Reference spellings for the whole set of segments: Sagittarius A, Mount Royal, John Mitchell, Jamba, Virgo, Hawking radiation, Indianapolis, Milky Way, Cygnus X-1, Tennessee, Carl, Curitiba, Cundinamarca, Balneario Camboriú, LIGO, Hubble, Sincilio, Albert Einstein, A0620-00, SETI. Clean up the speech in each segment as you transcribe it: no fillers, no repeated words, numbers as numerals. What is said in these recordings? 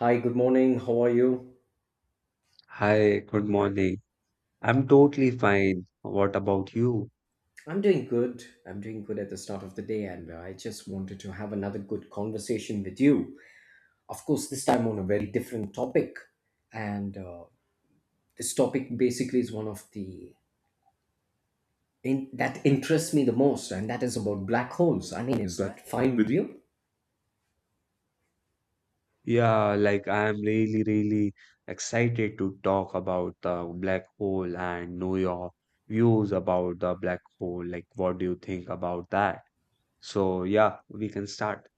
Hi, good morning. How are you? Hi, good morning. I'm totally fine. What about you? I'm doing good. I'm doing good at the start of the day, and I just wanted to have another good conversation with you. Of course, this time on a very different topic, and this topic basically is one of the that interests me the most, and that is about black holes. I mean, is that fine with you? Yeah, like I'm really excited to talk about the black hole and know your views about the black hole. Like, what do you think about that? So, yeah, we can start.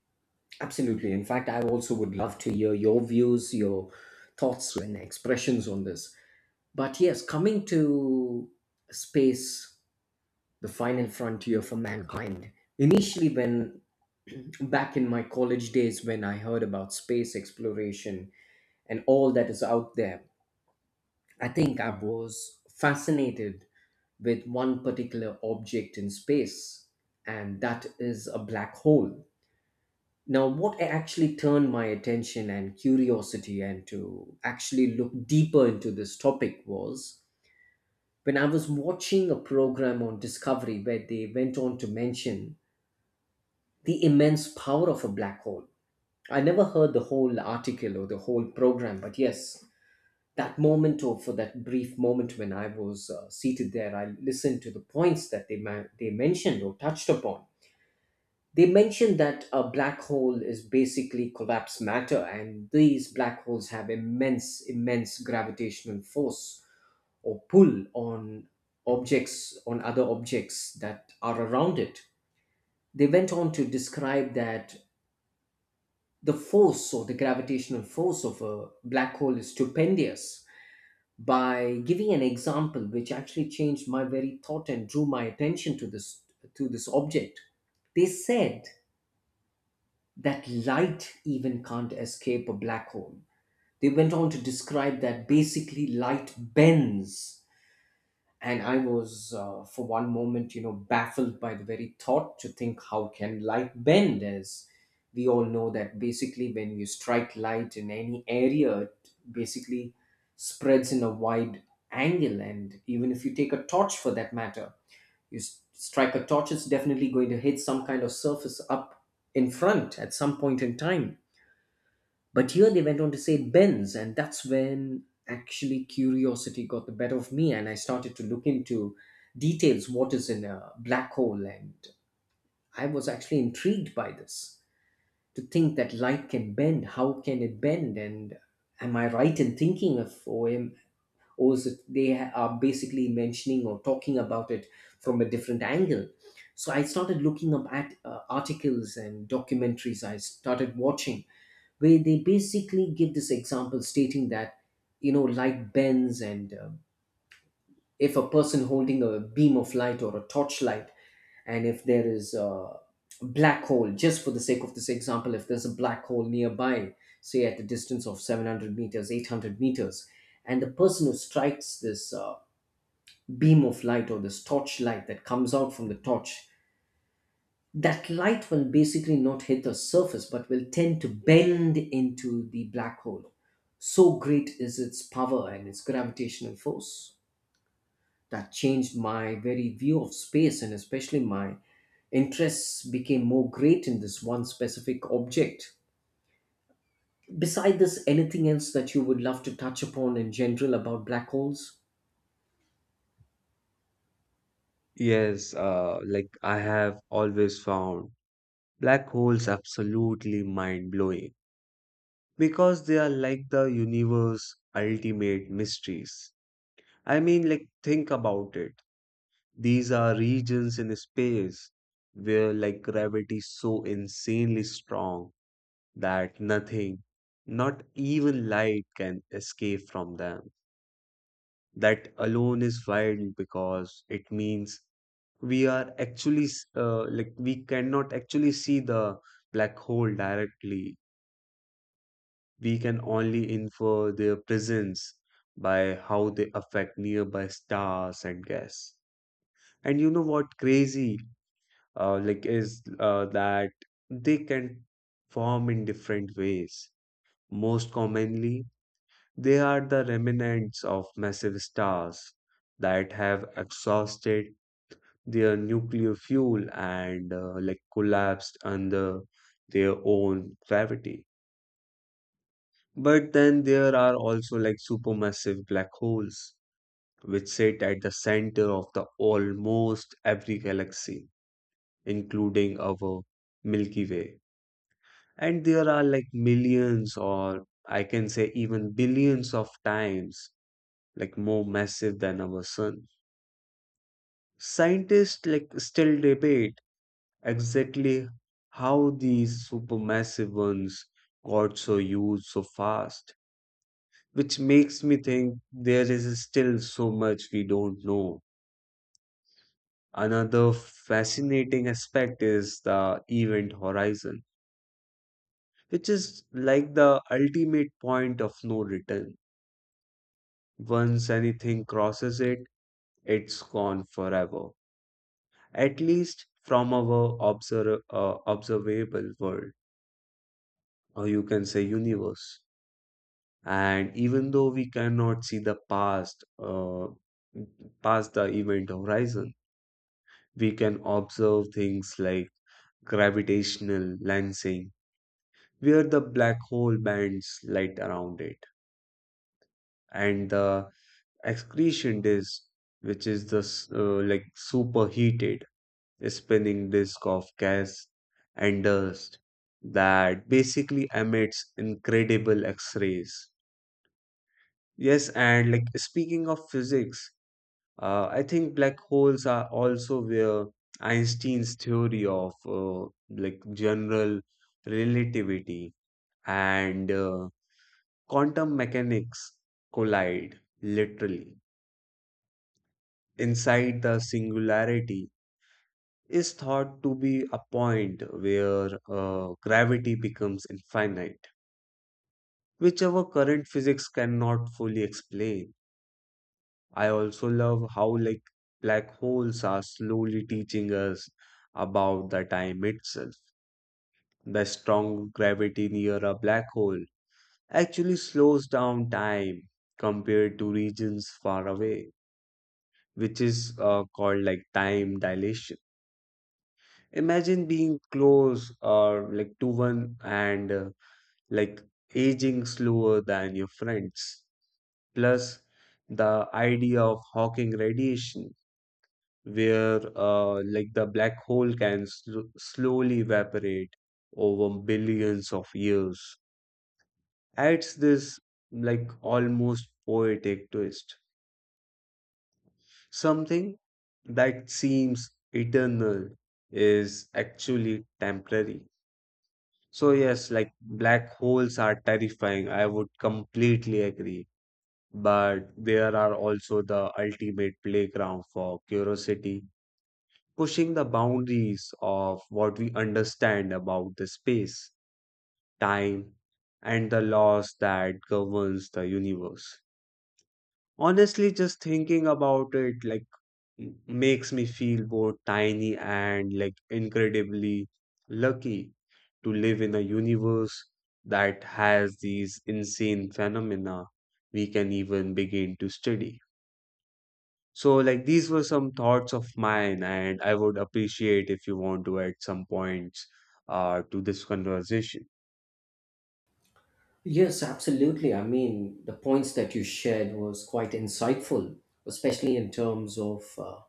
Absolutely. In fact, I also would love to hear your views, your thoughts, and expressions on this. But yes, coming to space, the final frontier for mankind. Initially, when back in my college days, when I heard about space exploration and all that is out there, I think I was fascinated with one particular object in space, and that is a black hole. Now, what actually turned my attention and curiosity and to actually look deeper into this topic was when I was watching a program on Discovery where they went on to mention the immense power of a black hole. I never heard the whole article or the whole program, but yes, that moment or for that brief moment when I was seated there, I listened to the points that they mentioned or touched upon. They mentioned that a black hole is basically collapsed matter, and these black holes have immense, immense gravitational force or pull on other objects that are around it. They went on to describe that the force or the gravitational force of a black hole is stupendous by giving an example which actually changed my very thought and drew my attention to this object. They said that light even can't escape a black hole. They went on to describe that basically light bends. And I was for one moment, baffled by the very thought to think how can light bend. As we all know that basically when you strike light in any area it basically spreads in a wide angle, and even if you take a torch for that matter, you strike a torch, it's definitely going to hit some kind of surface up in front at some point in time. But here they went on to say it bends, and that's when actually curiosity got the better of me, and I started to look into details what is in a black hole. And I was actually intrigued by this to think that light can bend. How can it bend? And am I right in thinking of OM? Or is it they are basically mentioning or talking about it from a different angle? So I started looking up at articles and documentaries. I started watching where they basically give this example stating that light bends, and if a person holding a beam of light or a torchlight and if there is a black hole, just for the sake of this example, if there's a black hole nearby, say at a distance of 700 meters, 800 meters, and the person who strikes this beam of light or this torch light that comes out from the torch, that light will basically not hit the surface but will tend to bend into the black hole. So great is its power and its gravitational force. That changed my very view of space, and especially my interests became more great in this one specific object. Beside this, anything else that you would love to touch upon in general about black holes? Yes, like I have always found black holes absolutely mind-blowing because they are like the universe ultimate mysteries. I mean, like, think about it. These are regions in space where like gravity is so insanely strong that nothing, not even light can escape from them. That alone is wild because it means we are like we cannot actually see the black hole directly. We can only infer their presence by how they affect nearby stars and gas. And you know what crazy? Like is That they can form in different ways. Most commonly, they are the remnants of massive stars that have exhausted their nuclear fuel and like collapsed under their own gravity. But then there are also like supermassive black holes, which sit at the center of the almost every galaxy, including our Milky Way. And there are like millions, or I can say even billions of times, like more massive than our sun. Scientists like still debate exactly how these supermassive ones got so huge so fast, which makes me think there is still so much we don't know. Another fascinating aspect is the event horizon, which is like the ultimate point of no return. Once anything crosses it, it's gone forever. At least from our observable world, or you can say universe. And even though we cannot see past the event horizon, we can observe things like gravitational lensing, where the black hole bends light around it, and the excretion disk, which is like superheated spinning disk of gas and dust that basically emits incredible X-rays. Yes, and like speaking of physics, I think black holes are also where Einstein's theory of like general relativity and quantum mechanics collide literally inside the singularity is thought to be a point where gravity becomes infinite, which our current physics cannot fully explain. I also love how like black holes are slowly teaching us about the time itself. The strong gravity near a black hole actually slows down time compared to regions far away, which is called like time dilation. Imagine being close or like to one and like aging slower than your friends. Plus, the idea of Hawking radiation, where like the black hole can slowly evaporate over billions of years, adds this like almost poetic twist. Something that seems eternal is actually temporary. So yes, like black holes are terrifying. I would completely agree, but there are also the ultimate playground for curiosity, pushing the boundaries of what we understand about the space, time, and the laws that governs the universe. Honestly, just thinking about it like makes me feel both tiny and like incredibly lucky to live in a universe that has these insane phenomena we can even begin to study. So, like, these were some thoughts of mine, and I would appreciate if you want to add some points to this conversation. Yes, absolutely. I mean, the points that you shared was quite insightful, especially in terms of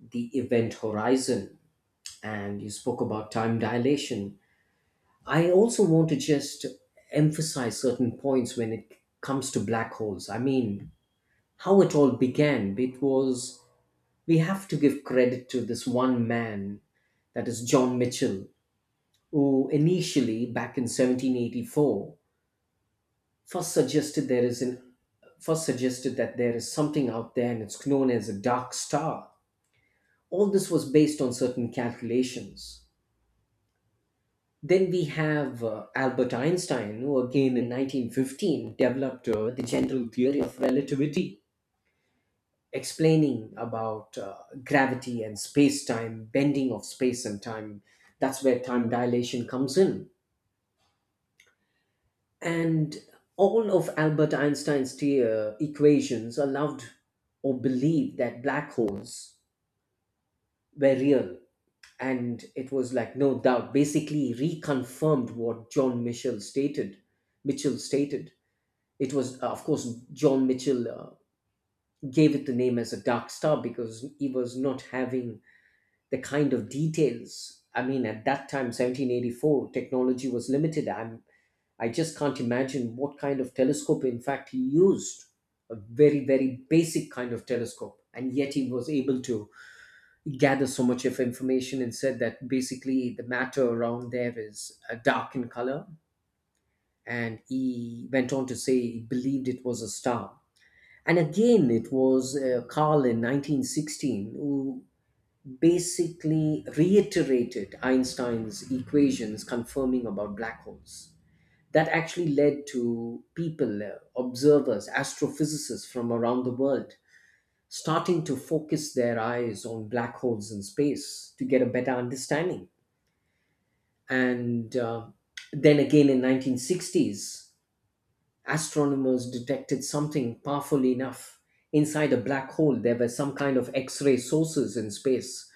the event horizon, and you spoke about time dilation. I also want to just emphasize certain points when it comes to black holes. I mean, how it all began, we have to give credit to this one man, that is John Mitchell, who initially, back in 1784, first suggested there is an first suggested that there is something out there and it's known as a dark star. All this was based on certain calculations. Then we have Albert Einstein, who again in 1915 developed the general theory of relativity, explaining about gravity and space time, bending of space and time. That's where time dilation comes in. And all of Albert Einstein's equations allowed or believed that black holes were real. And it was like no doubt, basically reconfirmed what John Mitchell stated. Mitchell stated It was, of course, John Mitchell gave it the name as a dark star because he was not having the kind of details. I mean, at that time, 1784, technology was limited. I just can't imagine what kind of telescope, in fact, he used. A very, very basic kind of telescope. And yet he was able to gather so much of information and said that basically the matter around there is dark in color. And he went on to say he believed it was a star. And again, it was Carl in 1916 who basically reiterated Einstein's equations confirming about black holes. That actually led to people, observers, astrophysicists from around the world starting to focus their eyes on black holes in space to get a better understanding. And then again in 1960s, astronomers detected something powerful enough inside a black hole. There were some kind of X ray sources in space,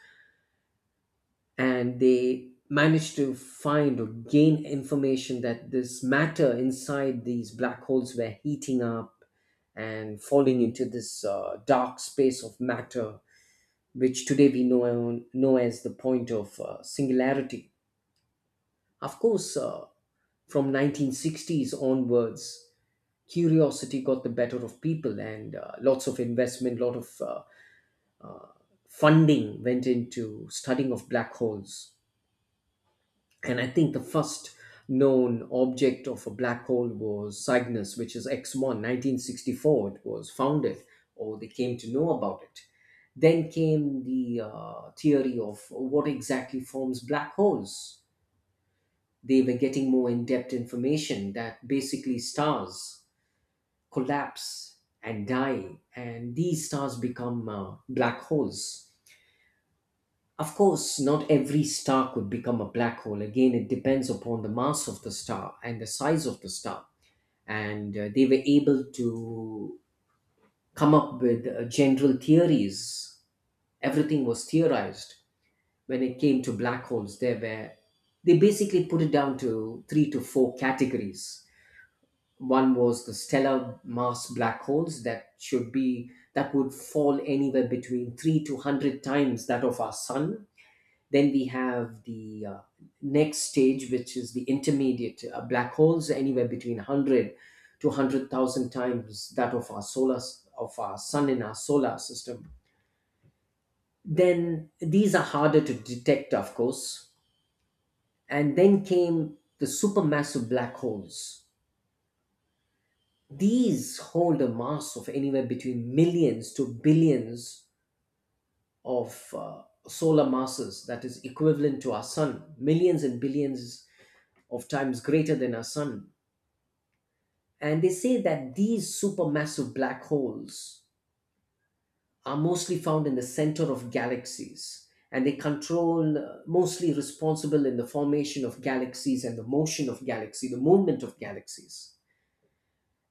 and they managed to find or gain information that this matter inside these black holes were heating up and falling into this dark space of matter, which today we know as the point of singularity. Of course, from 1960s onwards curiosity got the better of people, and lots of investment, lot of funding went into studying of black holes. And I think the first known object of a black hole was Cygnus, which is X-1, 1964. It was founded or they came to know about it. Then came the theory of what exactly forms black holes. They were getting more in-depth information that basically stars collapse and die, and these stars become black holes. Of course, not every star could become a black hole. Again, it depends upon the mass of the star and the size of the star. And they were able to come up with general theories. Everything was theorized when it came to black holes. They basically put it down to three to four categories. One was the stellar mass black holes that should be that would fall anywhere between 3 to 100 times that of our sun. Then we have the next stage, which is the intermediate black holes, anywhere between 100 to 100,000 times that of of our sun in our solar system. Then these are harder to detect, of course. And then came the supermassive black holes. These hold a mass of anywhere between millions to billions of solar masses that is equivalent to our sun, millions and billions of times greater than our sun. And they say that these supermassive black holes are mostly found in the center of galaxies, and they control, mostly responsible in the formation of galaxies and the movement of galaxies.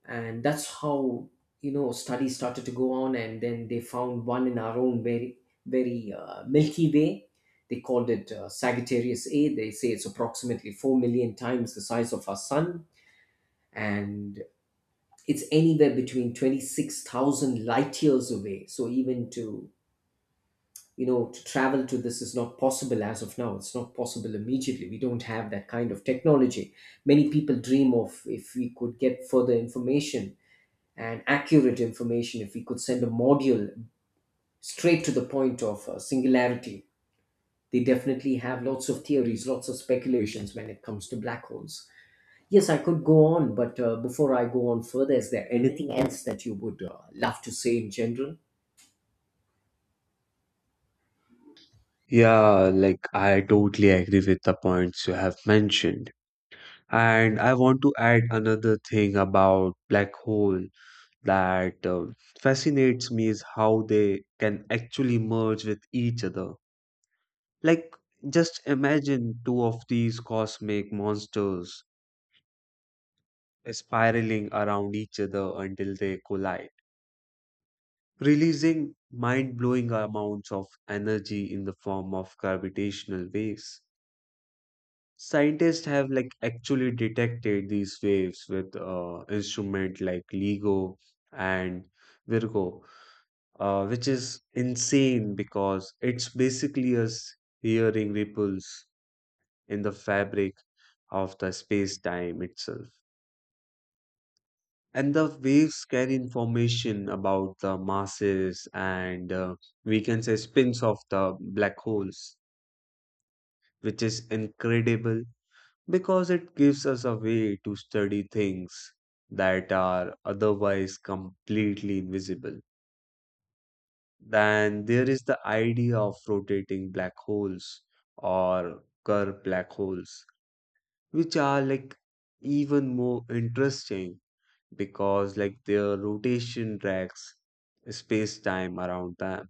And that's how studies started to go on, and then they found one in our own very, very Milky Way. They called it Sagittarius A. They say it's approximately 4 million times the size of our sun, and it's anywhere between 26,000 light years away. So even to you know to travel to this is not possible as of now. It's not possible immediately. We don't have that kind of technology. Many people dream of if we could get further information and accurate information, if we could send a module straight to the point of singularity. They definitely have lots of theories, lots of speculations when it comes to black holes. Yes, I could go on, but before I go on further, is there anything else that you would love to say in general? Yeah, like, I totally agree with the points you have mentioned. And I want to add another thing about black hole that fascinates me is how they can actually merge with each other. Like, just imagine two of these cosmic monsters spiraling around each other until they collide, releasing mind blowing amounts of energy in the form of gravitational waves. Scientists have like actually detected these waves with instrument like LIGO and Virgo, which is insane because it's basically us hearing ripples in the fabric of the space time itself. And the waves carry information about the masses and, we can say, spins of the black holes, which is incredible because it gives us a way to study things that are otherwise completely invisible. Then there is the idea of rotating black holes or curved black holes, which are like even more interesting because like their rotation tracks space-time around them.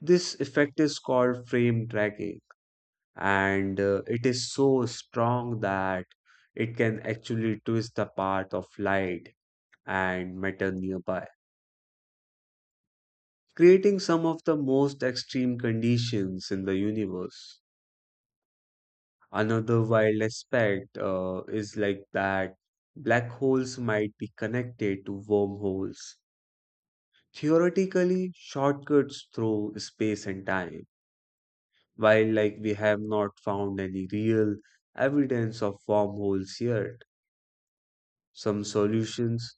This effect is called frame tracking, and it is so strong that it can actually twist the path of light and matter nearby, creating some of the most extreme conditions in the universe. Another wild aspect is like that black holes might be connected to wormholes, theoretically shortcuts through space and time, while like we have not found any real evidence of wormholes yet. Some solutions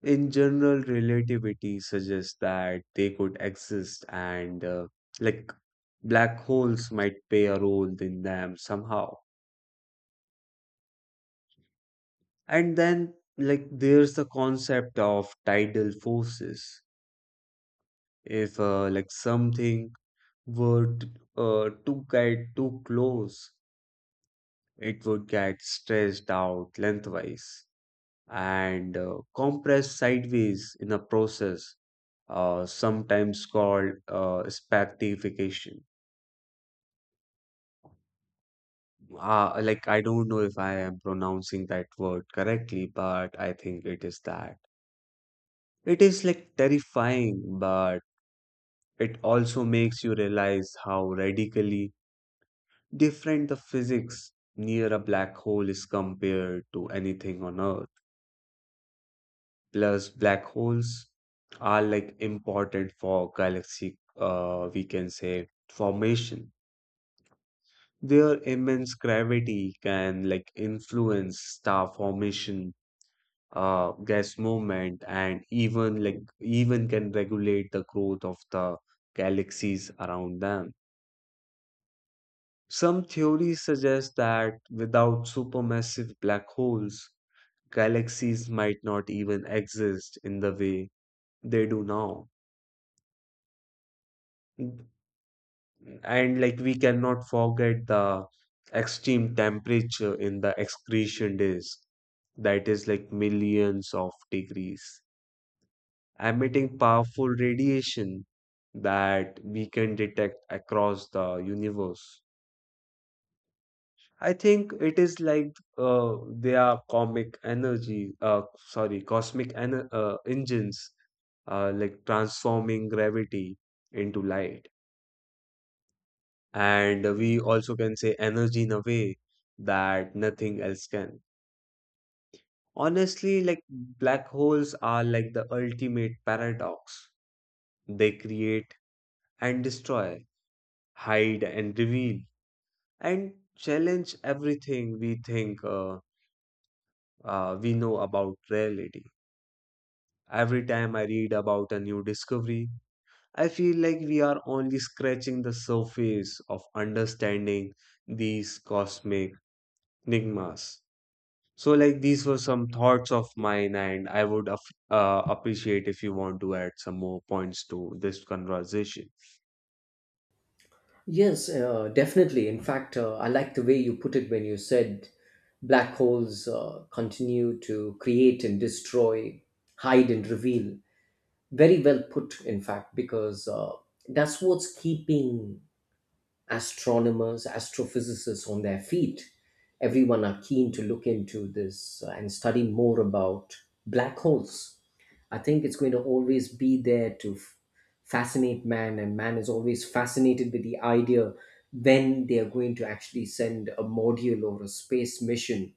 in general relativity suggest that they could exist and like black holes might play a role in them somehow. And then like there's the concept of tidal forces. If like something were to get too close, it would get stretched out lengthwise and compressed sideways in a process sometimes called spaghettification. Like, I don't know if I am pronouncing that word correctly, but I think it is that. It is like terrifying, but it also makes you realize how radically different the physics near a black hole is compared to anything on Earth. Plus, black holes are like important for galaxy, we can say, formation. Their immense gravity can like influence star formation, gas movement, and even like even can regulate the growth of the galaxies around them. Some theories suggest that without supermassive black holes, galaxies might not even exist in the way they do now. And like we cannot forget the extreme temperature in the excretion days, that is like millions of degrees, emitting powerful radiation that we can detect across the universe. I think it is like they are comic energy, sorry, cosmic en engines, like transforming gravity into light. And we also can say energy in a way that nothing else can. Honestly, like black holes are like the ultimate paradox. They create and destroy, hide and reveal, and challenge everything we think we know about reality. Every time I read about a new discovery, I feel like we are only scratching the surface of understanding these cosmic enigmas. So, like, these were some thoughts of mine, and I would appreciate if you want to add some more points to this conversation. Yes, definitely. In fact, I like the way you put it when you said black holes continue to create and destroy, hide and reveal. Very well put, in fact, because that's what's keeping astronomers, astrophysicists on their feet. Everyone are keen to look into this and study more about black holes. I think it's going to always be there to fascinate man, and man is always fascinated with the idea when they are going to actually send a module or a space mission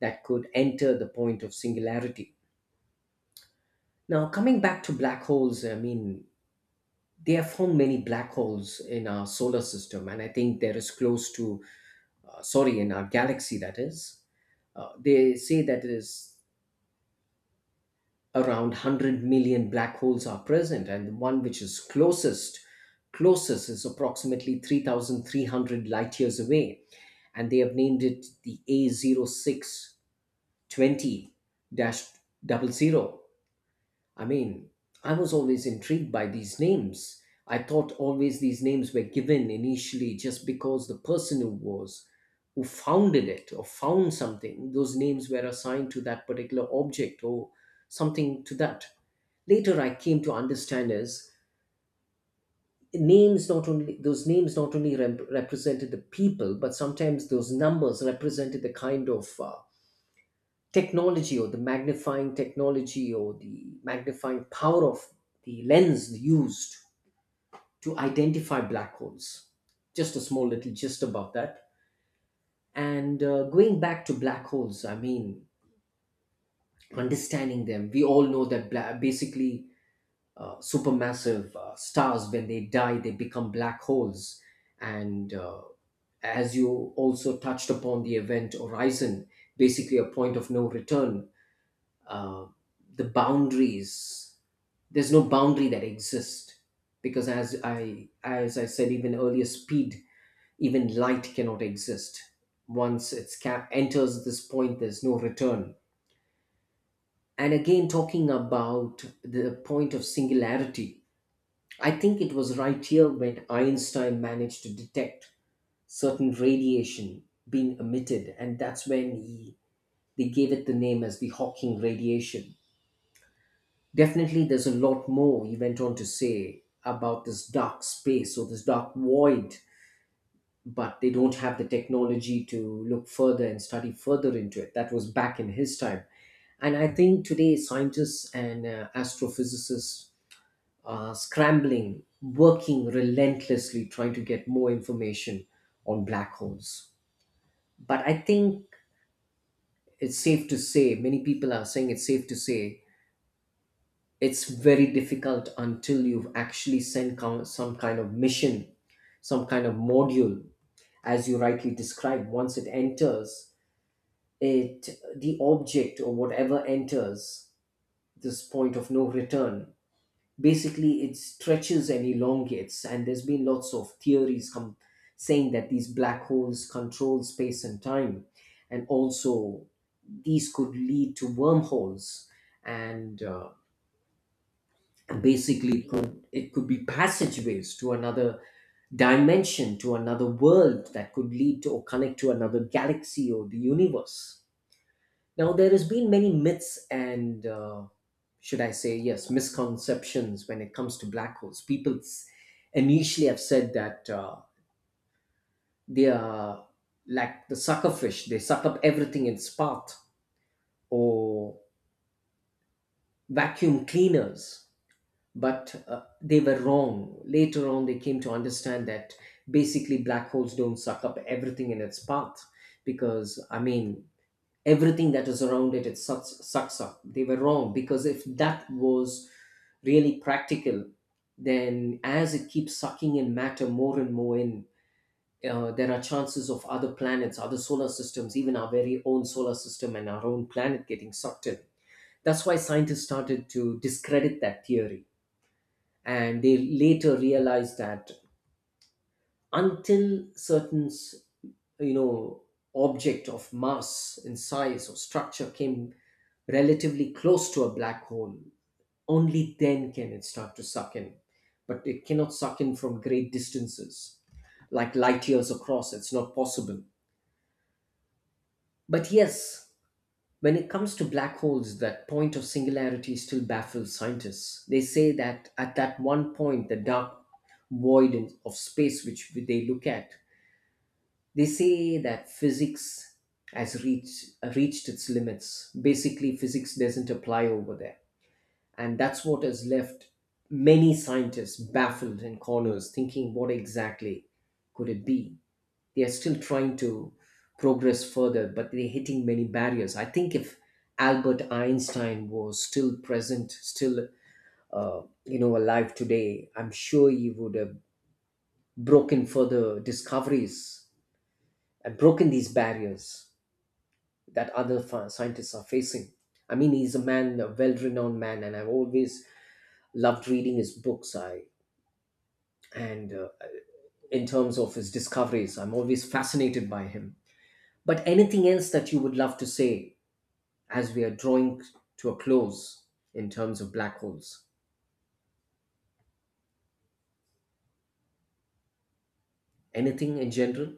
that could enter the point of singularity. Now, coming back to black holes, I mean, they have found many black holes in our solar system and I think there is close to sorry in our galaxy that is they say that it is around 100 million black holes are present, and the one which is closest is approximately 3300 light years away, and they have named it the a zero six twenty dash double zero. I mean, I was always intrigued by these names. I thought always these names were given initially just because the person who founded it or found something, those names were assigned to that particular object or something to that. Later, I came to understand is names not only those names not only rep- represented the people, but sometimes those numbers represented the kind of technology, or the magnifying technology or the magnifying power of the lens used to identify black holes. Just a small little gist about that. And going back to black holes, I mean, understanding them, we all know that basically supermassive stars, when they die, they become black holes. And as you also touched upon the event horizon, basically a point of no return, uh, the boundaries there's no boundary that exists, because as I said even earlier, speed even light cannot exist once it's cap enters this point. There's no return. And again, talking about the point of singularity, I think it was right here when einstein managed to detect certain radiation being emitted, and that's when he they gave it the name as the hawking radiation. Definitely, there's a lot more he went on to say about this dark space or this dark void, but they don't have the technology to look further and study further into it. That was back in his time. And I think today, scientists and astrophysicists are scrambling, working relentlessly, trying to get more information on black holes. But I think it's safe to say, many people are saying, it's safe to say it's very difficult until you've actually sent some kind of mission, some kind of module. As you rightly described, once it enters, it the object or whatever enters this point of no return, basically it stretches and elongates. And there's been lots of theories come, saying that these black holes control space and time, and also these could lead to wormholes. And basically it could, be passageways to another dimension, to another world, that could lead to or connect to another galaxy or the universe. Now, there has been many myths and should I say, yes, misconceptions when it comes to black holes. People initially have said that they are like the sucker fish, they suck up everything in its path, or vacuum cleaners. But they were wrong. Later on, they came to understand that basically black holes don't suck up everything in its path, because, I mean, everything that is around it, it sucks up. They were wrong, because if that was really practical, then as it keeps sucking in matter more and more in, there are chances of other planets, other solar systems, even our very own solar system and our own planet getting sucked in. That's why scientists started to discredit that theory, and they later realized that until certain, you know object of mass in size or structure came relatively close to a black hole, only then can it start to suck in. But it cannot suck in from great distances. Like, light years across, it's not possible. But yes, when it comes to black holes, that point of singularity still baffles scientists. They say that at that one point, the dark void of space which they look at, they say that physics has reached its limits. Basically, physics doesn't apply over there. And that's what has left many scientists baffled in corners, thinking, what exactly could it be? They are still trying to progress further, but they're hitting many barriers. I think if Albert Einstein was still present, still alive today, I'm sure he would have broken further discoveries and broken these barriers that other scientists are facing. I mean, he's a man, a well-renowned man, and I've always loved reading his books. I and In terms of his discoveries, I'm always fascinated by him. But anything else that you would love to say as we are drawing to a close in terms of black holes? Anything in general?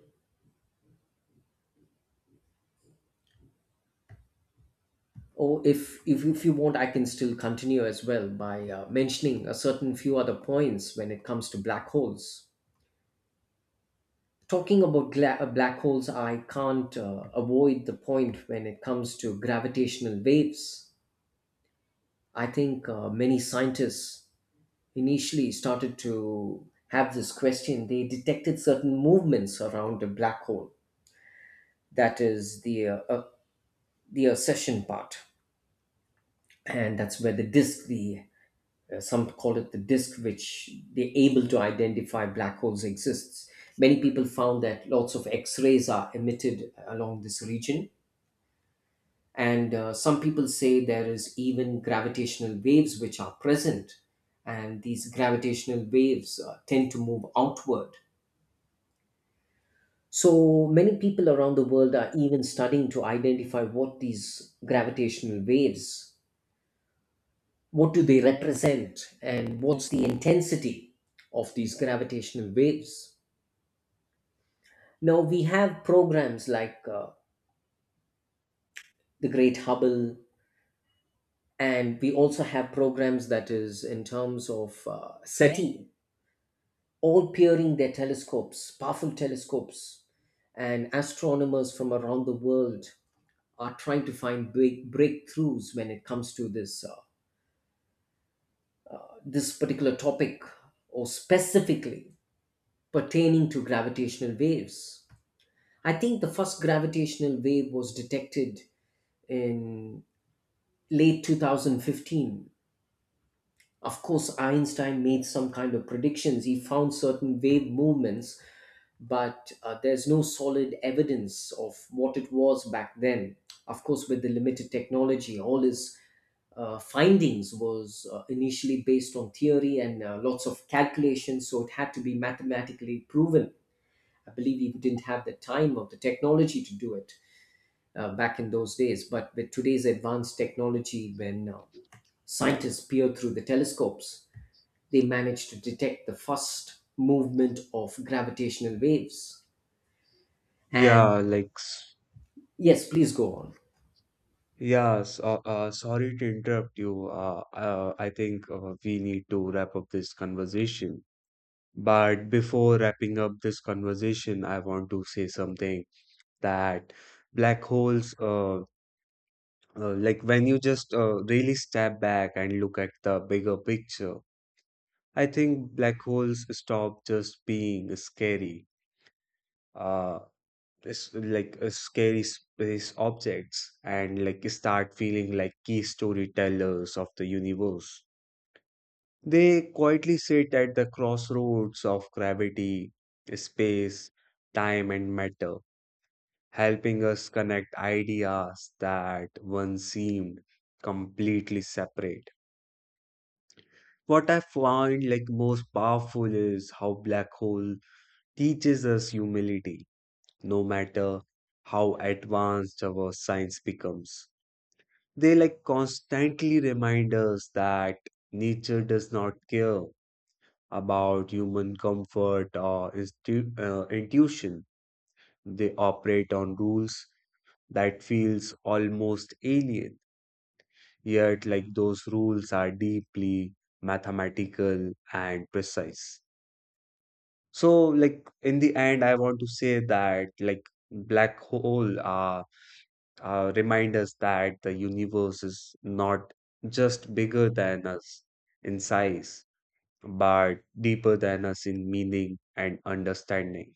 Or if you want, I can still continue as well by mentioning a certain few other points when it comes to black holes. Talking about black holes, I can't avoid the point when it comes to gravitational waves. I think many scientists initially started to have this question. They detected certain movements around a black hole, that is the accession part, and that's where the disk the some call it the disk, which they're able to identify black holes exists. Many people found that lots of x-rays are emitted along this region. And some people say there is even gravitational waves which are present, and these gravitational waves tend to move outward. So many people around the world are even studying to identify what these gravitational waves what do they represent, and what's the intensity of these gravitational waves. Now we have programs like the great hubble, and we also have programs that is in terms of seti, all peering their telescopes powerful telescopes, and astronomers from around the world are trying to find breakthroughs when it comes to this particular topic, or specifically pertaining to gravitational waves. I think the first gravitational wave was detected in late 2015. Of course, Einstein made some kind of predictions. He found certain wave movements, but there's no solid evidence of what it was back then. Of course, with the limited technology, all his findings was initially based on theory and lots of calculations, so it had to be mathematically proven. I believe he didn't have the time or the technology to do it back in those days. But with today's advanced technology, when scientists peer through the telescopes, they manage to detect the first movement of gravitational waves. And Yeah, like, s- yes, please go on. Sorry to interrupt you. I think we need to wrap up this conversation. But before wrapping up this conversation, I want to say something, that black holes, like, when you just really step back and look at the bigger picture, I think black holes stop just being scary, uh, it's like a scary space objects, and like start feeling like key storytellers of the universe. They quietly sit at the crossroads of gravity, space, time, and matter, helping us connect ideas that once seemed completely separate. What I find like most powerful is how black hole teaches us humility, no matter how advanced our science becomes. They like constantly remind us that nature does not care about human comfort or intuition. They operate on rules that feels almost alien, yet like those rules are deeply mathematical and precise. So like in the end, I want to say that like black hole are remind us that the universe is not just bigger than us in size, but deeper than us in meaning and understanding.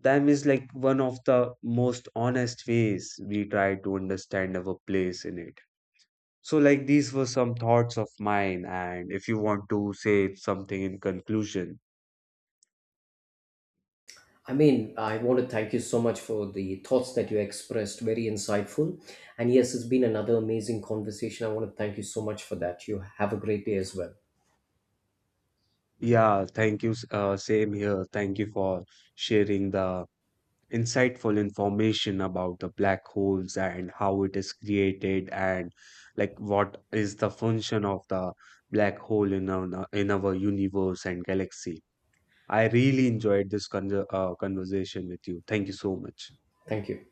Them is like one of the most honest ways we try to understand our place in it. So, like, these were some thoughts of mine, and if you want to say something in conclusion, I mean, I want to thank you so much for the thoughts that you expressed, very insightful. And yes, it's been another amazing conversation. I want to thank you so much for that. You have a great day as well. yeah, thank you. Same here. Thank you for sharing the insightful information about the black holes and how it is created and like what is the function of the black hole in our universe and galaxy. I really enjoyed this conversation with you. Thank you so much. Thank you.